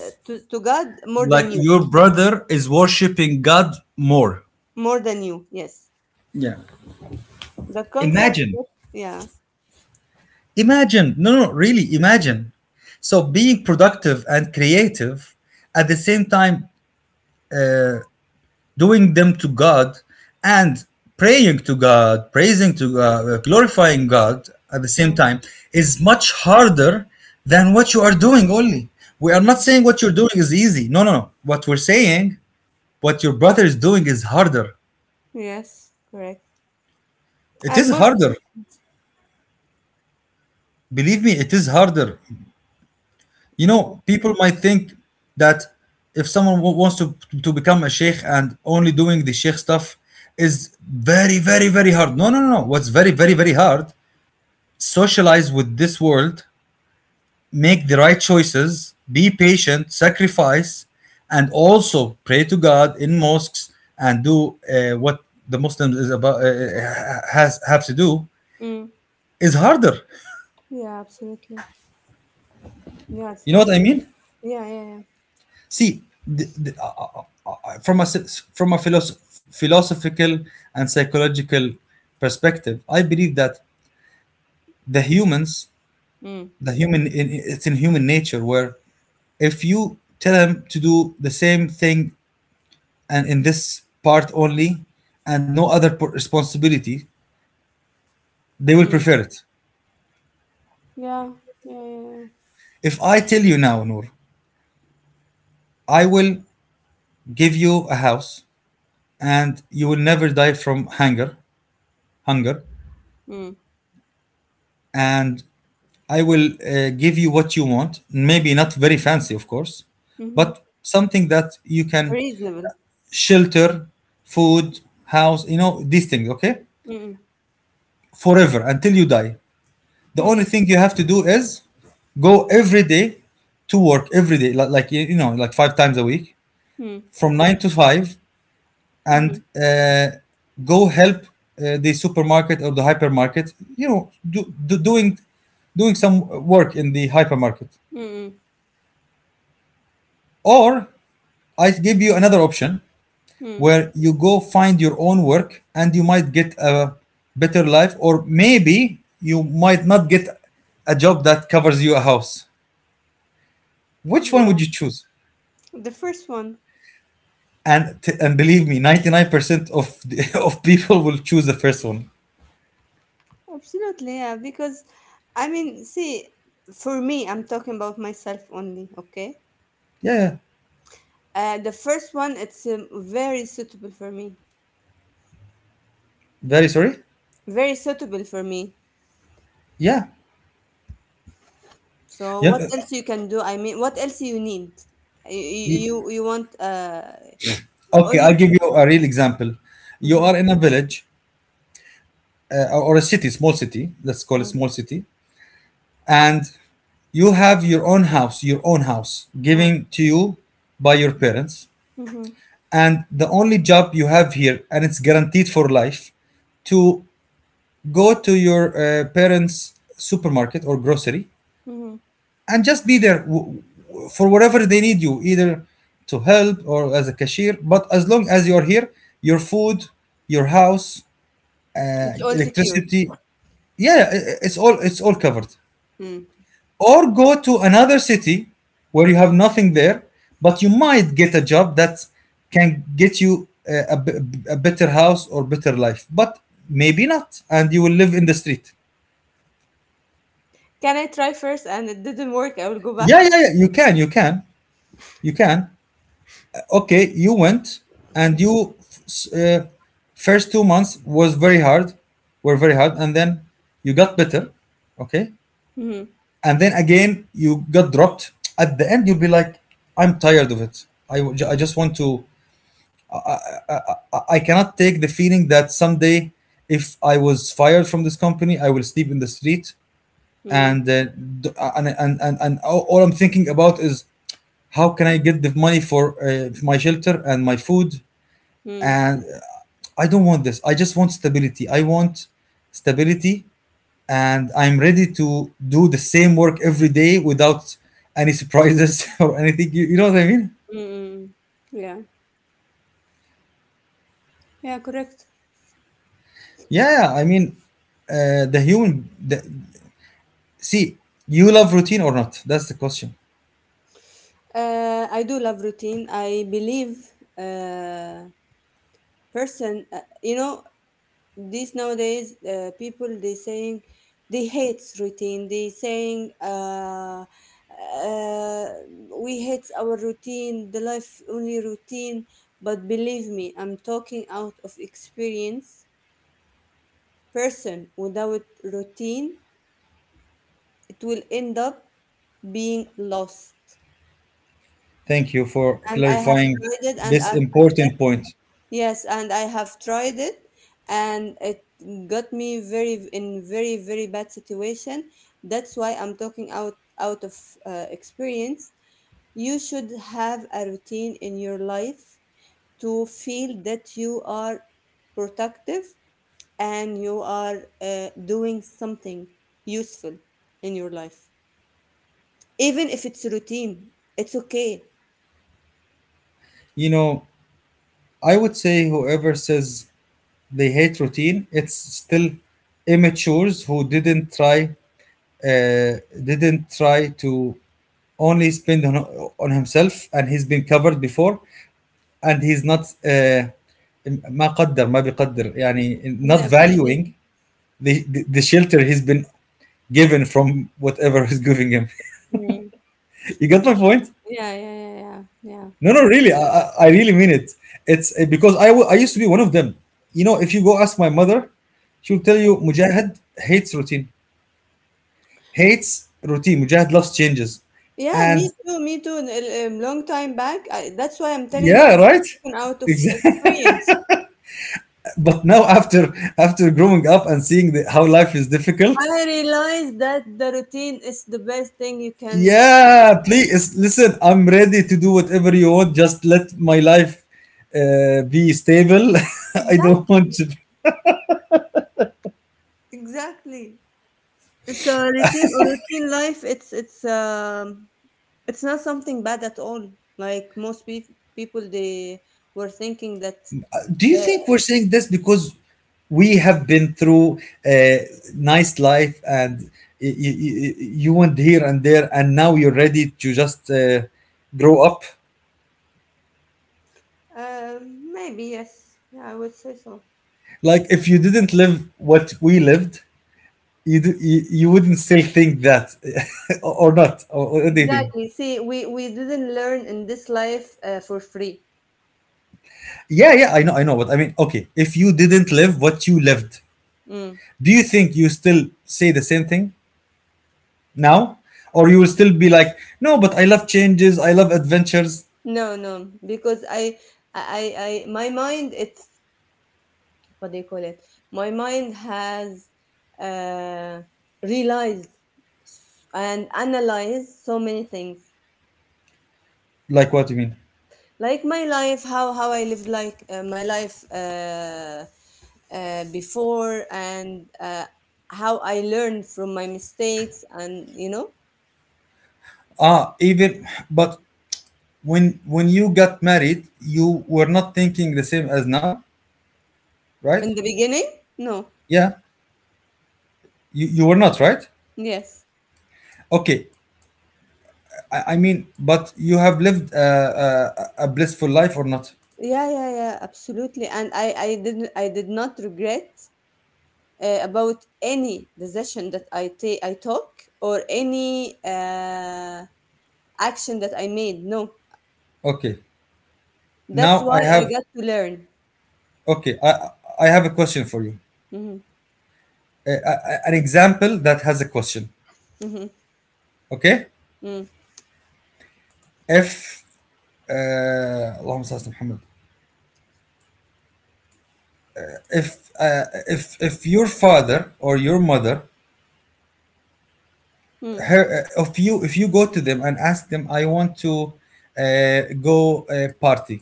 to God more
Like
than you,
your brother is worshiping God more.
more than you. Yes,
Yeah.
the concept
Imagine.
that- Yeah.
Imagine. No, no, no, really, imagine. So being productive and creative at the same time, doing them to God, and praying to God, praising to God, glorifying God at the same
Mm.
time is much harder than what you are doing only. We are not saying what you're doing is easy. No, no, no. What we're saying, what your brother is doing is harder.
Yes, correct.
It is
And more.
harder. Believe me, it is harder. You
Yeah.
know, people might think that if someone wants to become a sheikh and only doing the sheikh stuff is very, very, very hard. No, no, no. No. What's very, very, very hard, socialize with this world, make the right choices, be patient, sacrifice, and also pray to God in mosques and do what the Muslims is about has have to do
Mm.
is harder.
Yeah, absolutely. Yeah, it's
You know
not
what I
easy.
mean?
Yeah, yeah, yeah.
See, from a from a philosophical and psychological perspective, I believe that the humans,
Mm.
the human, in, it's in human nature where if you tell him to do the same thing and in this part only, and no other responsibility, they will
Mm.
prefer it.
Yeah, yeah, yeah, yeah.
If I tell you now, Noor, I will give you a house and you will never die from hunger, hunger,
Mm.
and I will give you what you want, maybe not very fancy, of course,
Mm-hmm.
but something that you can
Reasonable.
shelter, food, house, you know, these things, okay?
Mm.
Forever until you die. The
Mm.
only thing you have to do is go every day, to work every day, like 5 times a week,
Mm.
from 9 to 5, and
Mm-hmm.
go help the supermarket or the hypermarket, you know, do, do, doing doing some work in the hypermarket.
Mm-hmm.
Or I give you another option,
Hmm.
where you go find your own work and you might get a better life, or maybe you might not get a job that covers you a house. Which one
Yeah,
would you choose?
the first one,
And believe me, 99% of of people will choose the first one.
absolutely. Yeah, because I mean, see, for me, I'm talking about myself only. Okay.
Yeah, yeah.
The first one, it's very suitable for me.
Very sorry.
Very suitable for me.
Yeah,
So
yeah.
what else you can do? I mean, what else you need?
Y-
You want
Okay,
all
I'll
you.
give you a real example. You
Mm-hmm.
are in a village, or a city, small city. Let's call it
Mm-hmm.
small city, and you have your own house, given to you by your parents,
Mm-hmm.
and the only job you have here, and it's guaranteed for life, to go to your parents' supermarket or grocery,
Mm-hmm.
and just be there for whatever they need you, either to help or as a cashier. But as long as you're here, your food, your house,
It's all secured.
electricity, yeah, it's all, it's all covered.
Mm.
Or go to another city where you have nothing there, but you might get a job that can get you a better house or better life. But maybe not, and you will live in the street.
Can I try first? And it didn't work. I will go
Yeah,
back.
yeah, yeah. You can, you can, you can. Okay, you went and you first 2 months was very hard, were very hard, and then you got better. Okay.
Mm-hmm.
And then again you got dropped. At the end you'll be like, I'm tired of it. I just want to, I cannot take the feeling that someday if I was fired from this company I will sleep in the street.
Mm-hmm.
And all I'm thinking about is how can I get the money for my shelter and my food.
Mm-hmm.
And I don't want this. I just want stability. I want stability, and I'm ready to do the same work every day without any surprises or anything. You know what I mean?
Mm-hmm, yeah. Yeah, correct.
Yeah, yeah, I mean, the human. See, you love routine or not? That's the question.
I do love routine. I believe uh, person, you know, these nowadays people they saying they hate routine. They saying uh, we hate our routine, the life only routine. But believe me, I'm talking out of experience. Person without routine, it will end up being lost
Thank you for
and I have
clarifying
tried it, and
this
I
important point.
yes, and I have tried it, and it got me very in very very bad situation. That's why I'm talking out of experience. You should have a routine in your life to feel that you are productive and you are doing something useful in your life. Even if it's routine, it's okay.
You know, I would say whoever says they hate routine, it's still immatures who didn't try, didn't try to only spend on himself, and he's been covered before, and he's not ما قدر ما بيقدر يعني not
Didn't appreciate.
valuing the shelter he's been given from whatever is giving him.
Mm.
You got my point?
Yeah, yeah, yeah, yeah, yeah,
No, no,
yeah.
really, I really mean it. It's because I used to be one of them. You know, if you go ask my mother, she'll tell you Mujahid hates routine, hates routine. Mujahid loves changes,
Yeah,
and
me too, me too. Long time back. That's why I'm telling you,
Yeah,
I'm
right.
talking out of
Exactly.
experience.
But now after after growing up and seeing how life is difficult,
I realized that the routine is the best thing you can.
yeah, please listen. I'm ready to do whatever you want. Just let my life be stable. I don't
Exactly,
want to.
exactly. So routine, routine life, it's it's not something bad at all. Like most pe- people, they were thinking that.
Do you
Uh,
think we're saying this because we have been through a nice life, and you went here and there, and now you're ready to just grow up?
maybe yes. Yeah, I would say so.
Like if you didn't live what we lived, you wouldn't still think that, or not, or what do you think?
Exactly. See, we didn't learn in this life for free.
Yeah, yeah, I know, I know, but I mean, okay, if you didn't live what you lived,
Mm.
do you think you still say the same thing now, or you will still be like, no, but I love changes, I love adventures?
No, no, because I, my mind, it's what do you call it? My mind has uh, realized and analyzed so many things,
Like what you mean?
like my life, how I lived, like my life before, and how I learned from my mistakes, and you know,
Ah, even, but when you got married you were not thinking the same as now, right?
in the beginning, no,
Yeah, you were not, right?
yes.
Okay. I mean, but you have lived a blissful life, or not?
Yeah, yeah, yeah, absolutely. And I did not regret about any decision that I took, or any action that I made. No,
Okay.
that's
Now
why
I
I
have,
got to learn.
okay. I I have a question for you.
Mhm,
An example that has a question.
mhm,
Okay.
mm,
If uh, اللهم صل على محمد. If if your father or your mother,
mm,
her, if you if you go to them and ask them, I want to go party.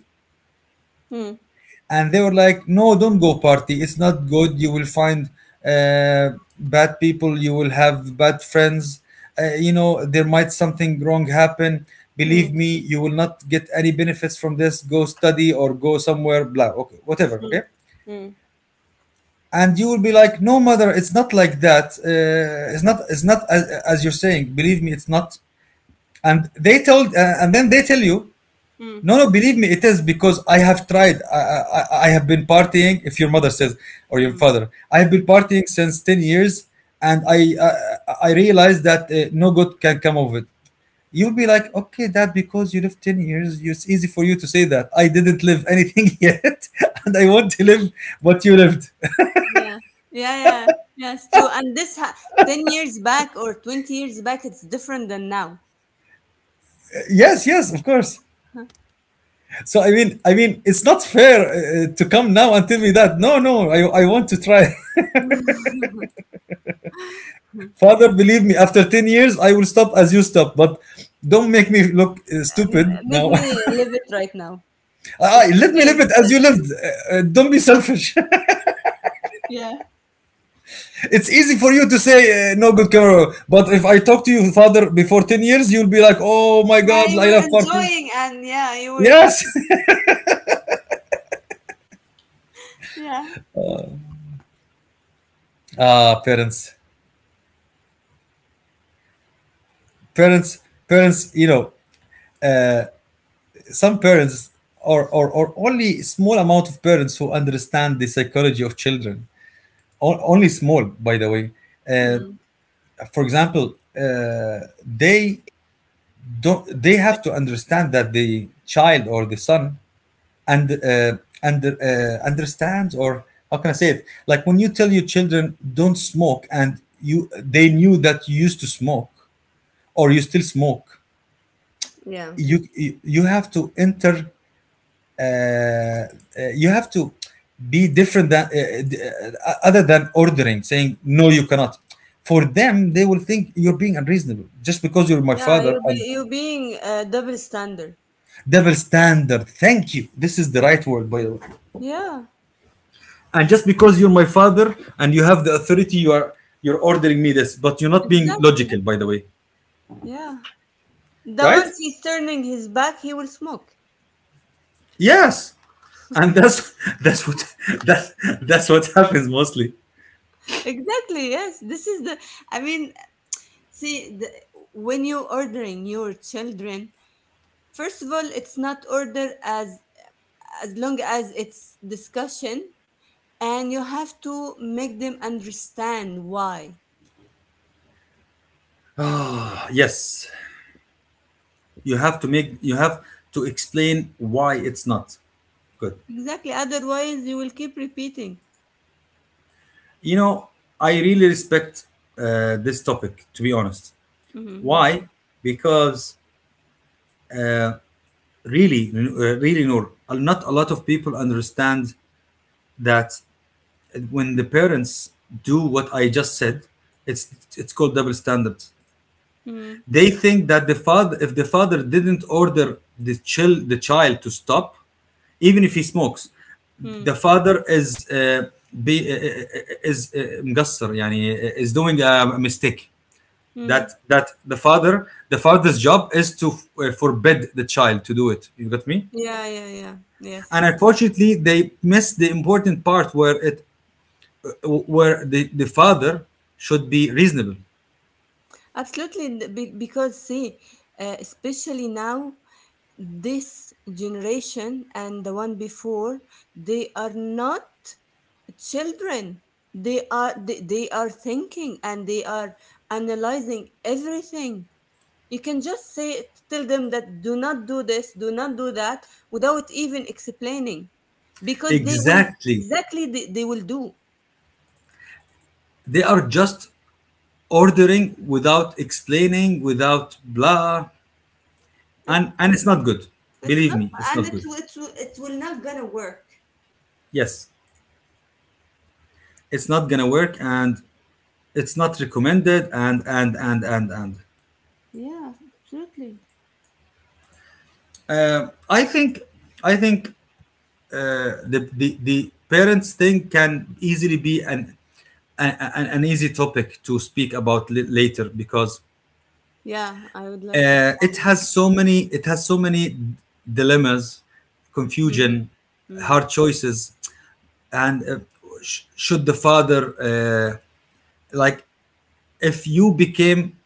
mm,
And they were like, no, don't go party, it's not good, you will find uh, bad people, you will have bad friends, you know, there might something wrong happen,
mm, mm,
believe me, you will not get any benefits from this, go study or go somewhere, blah, okay, whatever, okay.
mm,
And you will be like, no, mother, it's not like that, it's not, as you're saying, believe me, it's not. And then they tell you,
mm,
no, no, believe me, it is because I have tried. I have been partying. If your mother says, or your
mm,
father, I have been
mm.
partying since 10 years, and I, I realized that no good can come of it. You'll be like, okay, that because you live 10 years, it's easy for you to say that. I didn't live anything yet, and I want to live what you lived.
Yeah, yeah, yeah. Yeah, it's true. And 10 years back or 20 years back, it's different than now.
Yes, yes, of course. So I mean, it's not fair to come now and tell me that. No, no, I want to try. Father, believe me, after 10 years, I will stop as you stop. But don't make me look
M-
stupid
make
now.
me live it right now.
Ah, let me live
Experience,
it
I
as you lived.
think.
Don't be selfish.
Yeah.
It's easy for you to say, no good camera. But if I talk to you, Father, before 10 years, you'll be like, oh my
Yeah,
God,
you
I
were
love party.
enjoying, and yeah, you were
Yes.
happy. Yeah.
Ah, parents. Parents. Parents, uh, some parents, or only small amount of parents, who understand the psychology of children. O- only small, by the way. uh,
Mm,
for example, they don't, they have to understand that the child or the son, and understands, or how can I say it? Like when you tell your children don't smoke, and you they knew that you used to smoke or you still smoke.
yeah.
You have to enter. Uh, you have to be different than d- other than ordering, saying no, you cannot. For them, they will think you're being unreasonable just because you're my
Yeah,
father, and
you being a double standard.
Double standard. Thank you. This is the right word, by the way.
Yeah,
And just because you're my father and you have the authority, you are, you're ordering me this, but you're not being
exactly.
logical, by the way.
Yeah. The
Right?
once he's turning his back, he will smoke.
Yes. And that's that's what, that's that's what happens mostly.
Exactly, yes. This is the I mean, see the, when you ordering your children, first of all, it's not order as long as it's discussion, and you have to make them understand why.
Yes. You have to make, you have to explain why it's not good.
Exactly. Otherwise, you will keep repeating.
You know, I really respect this topic, to be honest.
Mm-hmm, me
Why? Because uh, really, Noor, not a lot of people understand that when the parents do what I just said, it's called double standards.
too.
They think that the father, if the father didn't order the child to stop, even if he smokes, the father is مقصر يعني is doing a mistake. that
Mm-hmm,
that the father's job is to forbid the child to do it, you got me?
yeah, yeah, yeah.
And
Yes,
unfortunately they missed the important part, where it, the father should be reasonable.
absolutely. Because see, especially now, this generation and the one before, they are not children. They are thinking and they are analyzing everything. You can just say tell them that do not do this, do not do that, without even explaining, because they will
Exactly,
exactly they will do.
they are just ordering without explaining, without blah.
It,
And it's not good,
It's
believe
not,
me, it's
and
not
it
good.
will- it will not gonna work.
Yes, it's not gonna work, and it's not recommended, and
Yeah, absolutely.
uh, I think I think the, the parents thing can easily be an an easy topic to speak about l- later, because
Yeah, I would like to.
it has so many, it has so many dilemmas,
Mm-hmm.
confusion,
Mm.
hard choices, and should the father like, if you became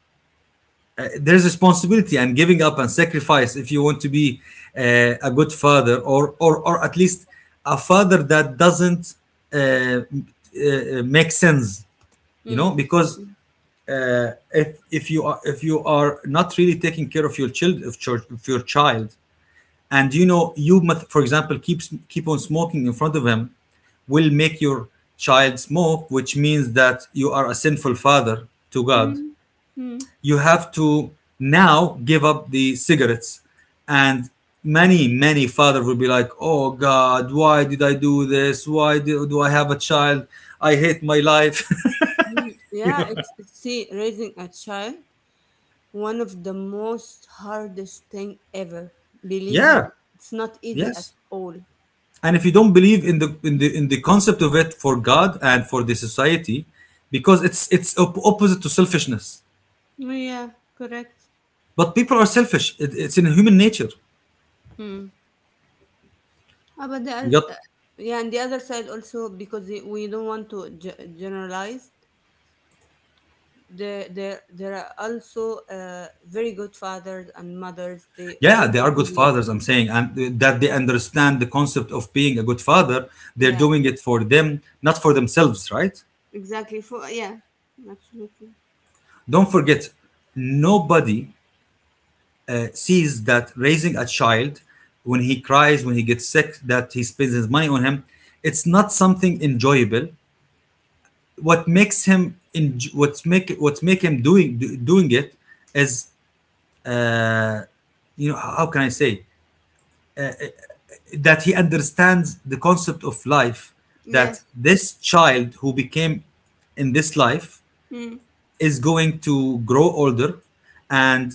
there's responsibility and giving up and sacrifice if you want to be a good father, or at least a father that doesn't uh, make sense. You know,
Mm.
because
Mm.
uh, if if you are, if you are not really taking care of your child, and you know you must, for example, keep keep on smoking in front of him, will make your child smoke, which means that you are a sinful father to God.
Mm. Mm.
You have to now give up the cigarettes, and many many father will be like, oh God, why did I do this, why do I have a child, I hate my life.
Mm. Yeah, it's see raising a child one of the most hardest thing ever. Believe
Yeah.
me, it's not easy at
Yes.
all.
And if you don't believe in the in the concept of it, for God and for the society, because it's opposite to selfishness.
Yeah, correct.
But people are selfish, it's in human nature.
Mm. Ah, but
You got
yeah, and the other side also because we don't want to generalize. There there are also very good fathers and mothers, they
Yeah,
really
they are good
really
fathers, I'm saying, and that they understand the concept of being a good father. They're
yeah
doing it for them, not for themselves, right?
exactly for yeah absolutely
Don't forget, nobody sees that raising a child, when he cries, when he gets sick, that he spends his money on him, it's not something enjoyable. What makes him in, what's make him doing it is, you know, how can I say, that he understands the concept of life, that
yes
this child who became in this life
mm,
is going to grow older, and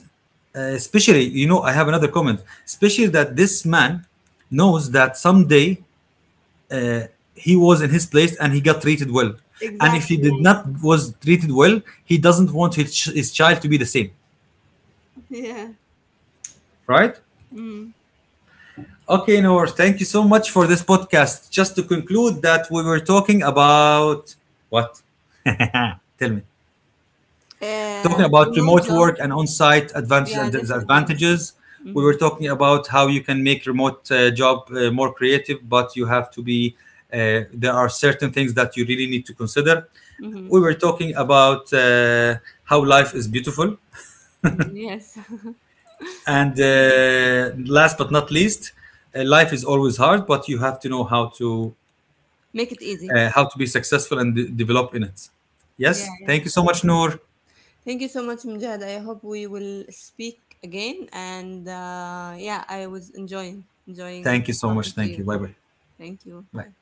especially, you know, I have another comment, especially that this man knows that someday he was in his place and he got treated well, and if he did
exactly
not was treated well, he doesn't want his child to be the same,
yeah
right?
mm.
Okay, Noor, thank you so much for this podcast. Just to conclude that we were talking about what? Ah, tell me. Talking
Uh,
about
remote
remote
job.
work and on-site advantages
Yeah,
and
different, yes.
disadvantages. We
Mm-hmm.
were talking about how you can make remote job more creative, but you have to be. There are certain things that you really need to consider.
Mm-hmm.
We were talking about how life is beautiful,
Yes.
and last but not least, life is always hard, but you have to know
Make it easy.
how to be successful and develop in it.
Yeah,
Yes.
yeah,
Thank you so much, Noor.
thank you so much, Mujahid. I hope we will speak again, and uh, yeah, I was
Thank you
enjoying
so much.
talking to
Thank you.
you.
Bye bye.
Thank you,
Bye.
bye.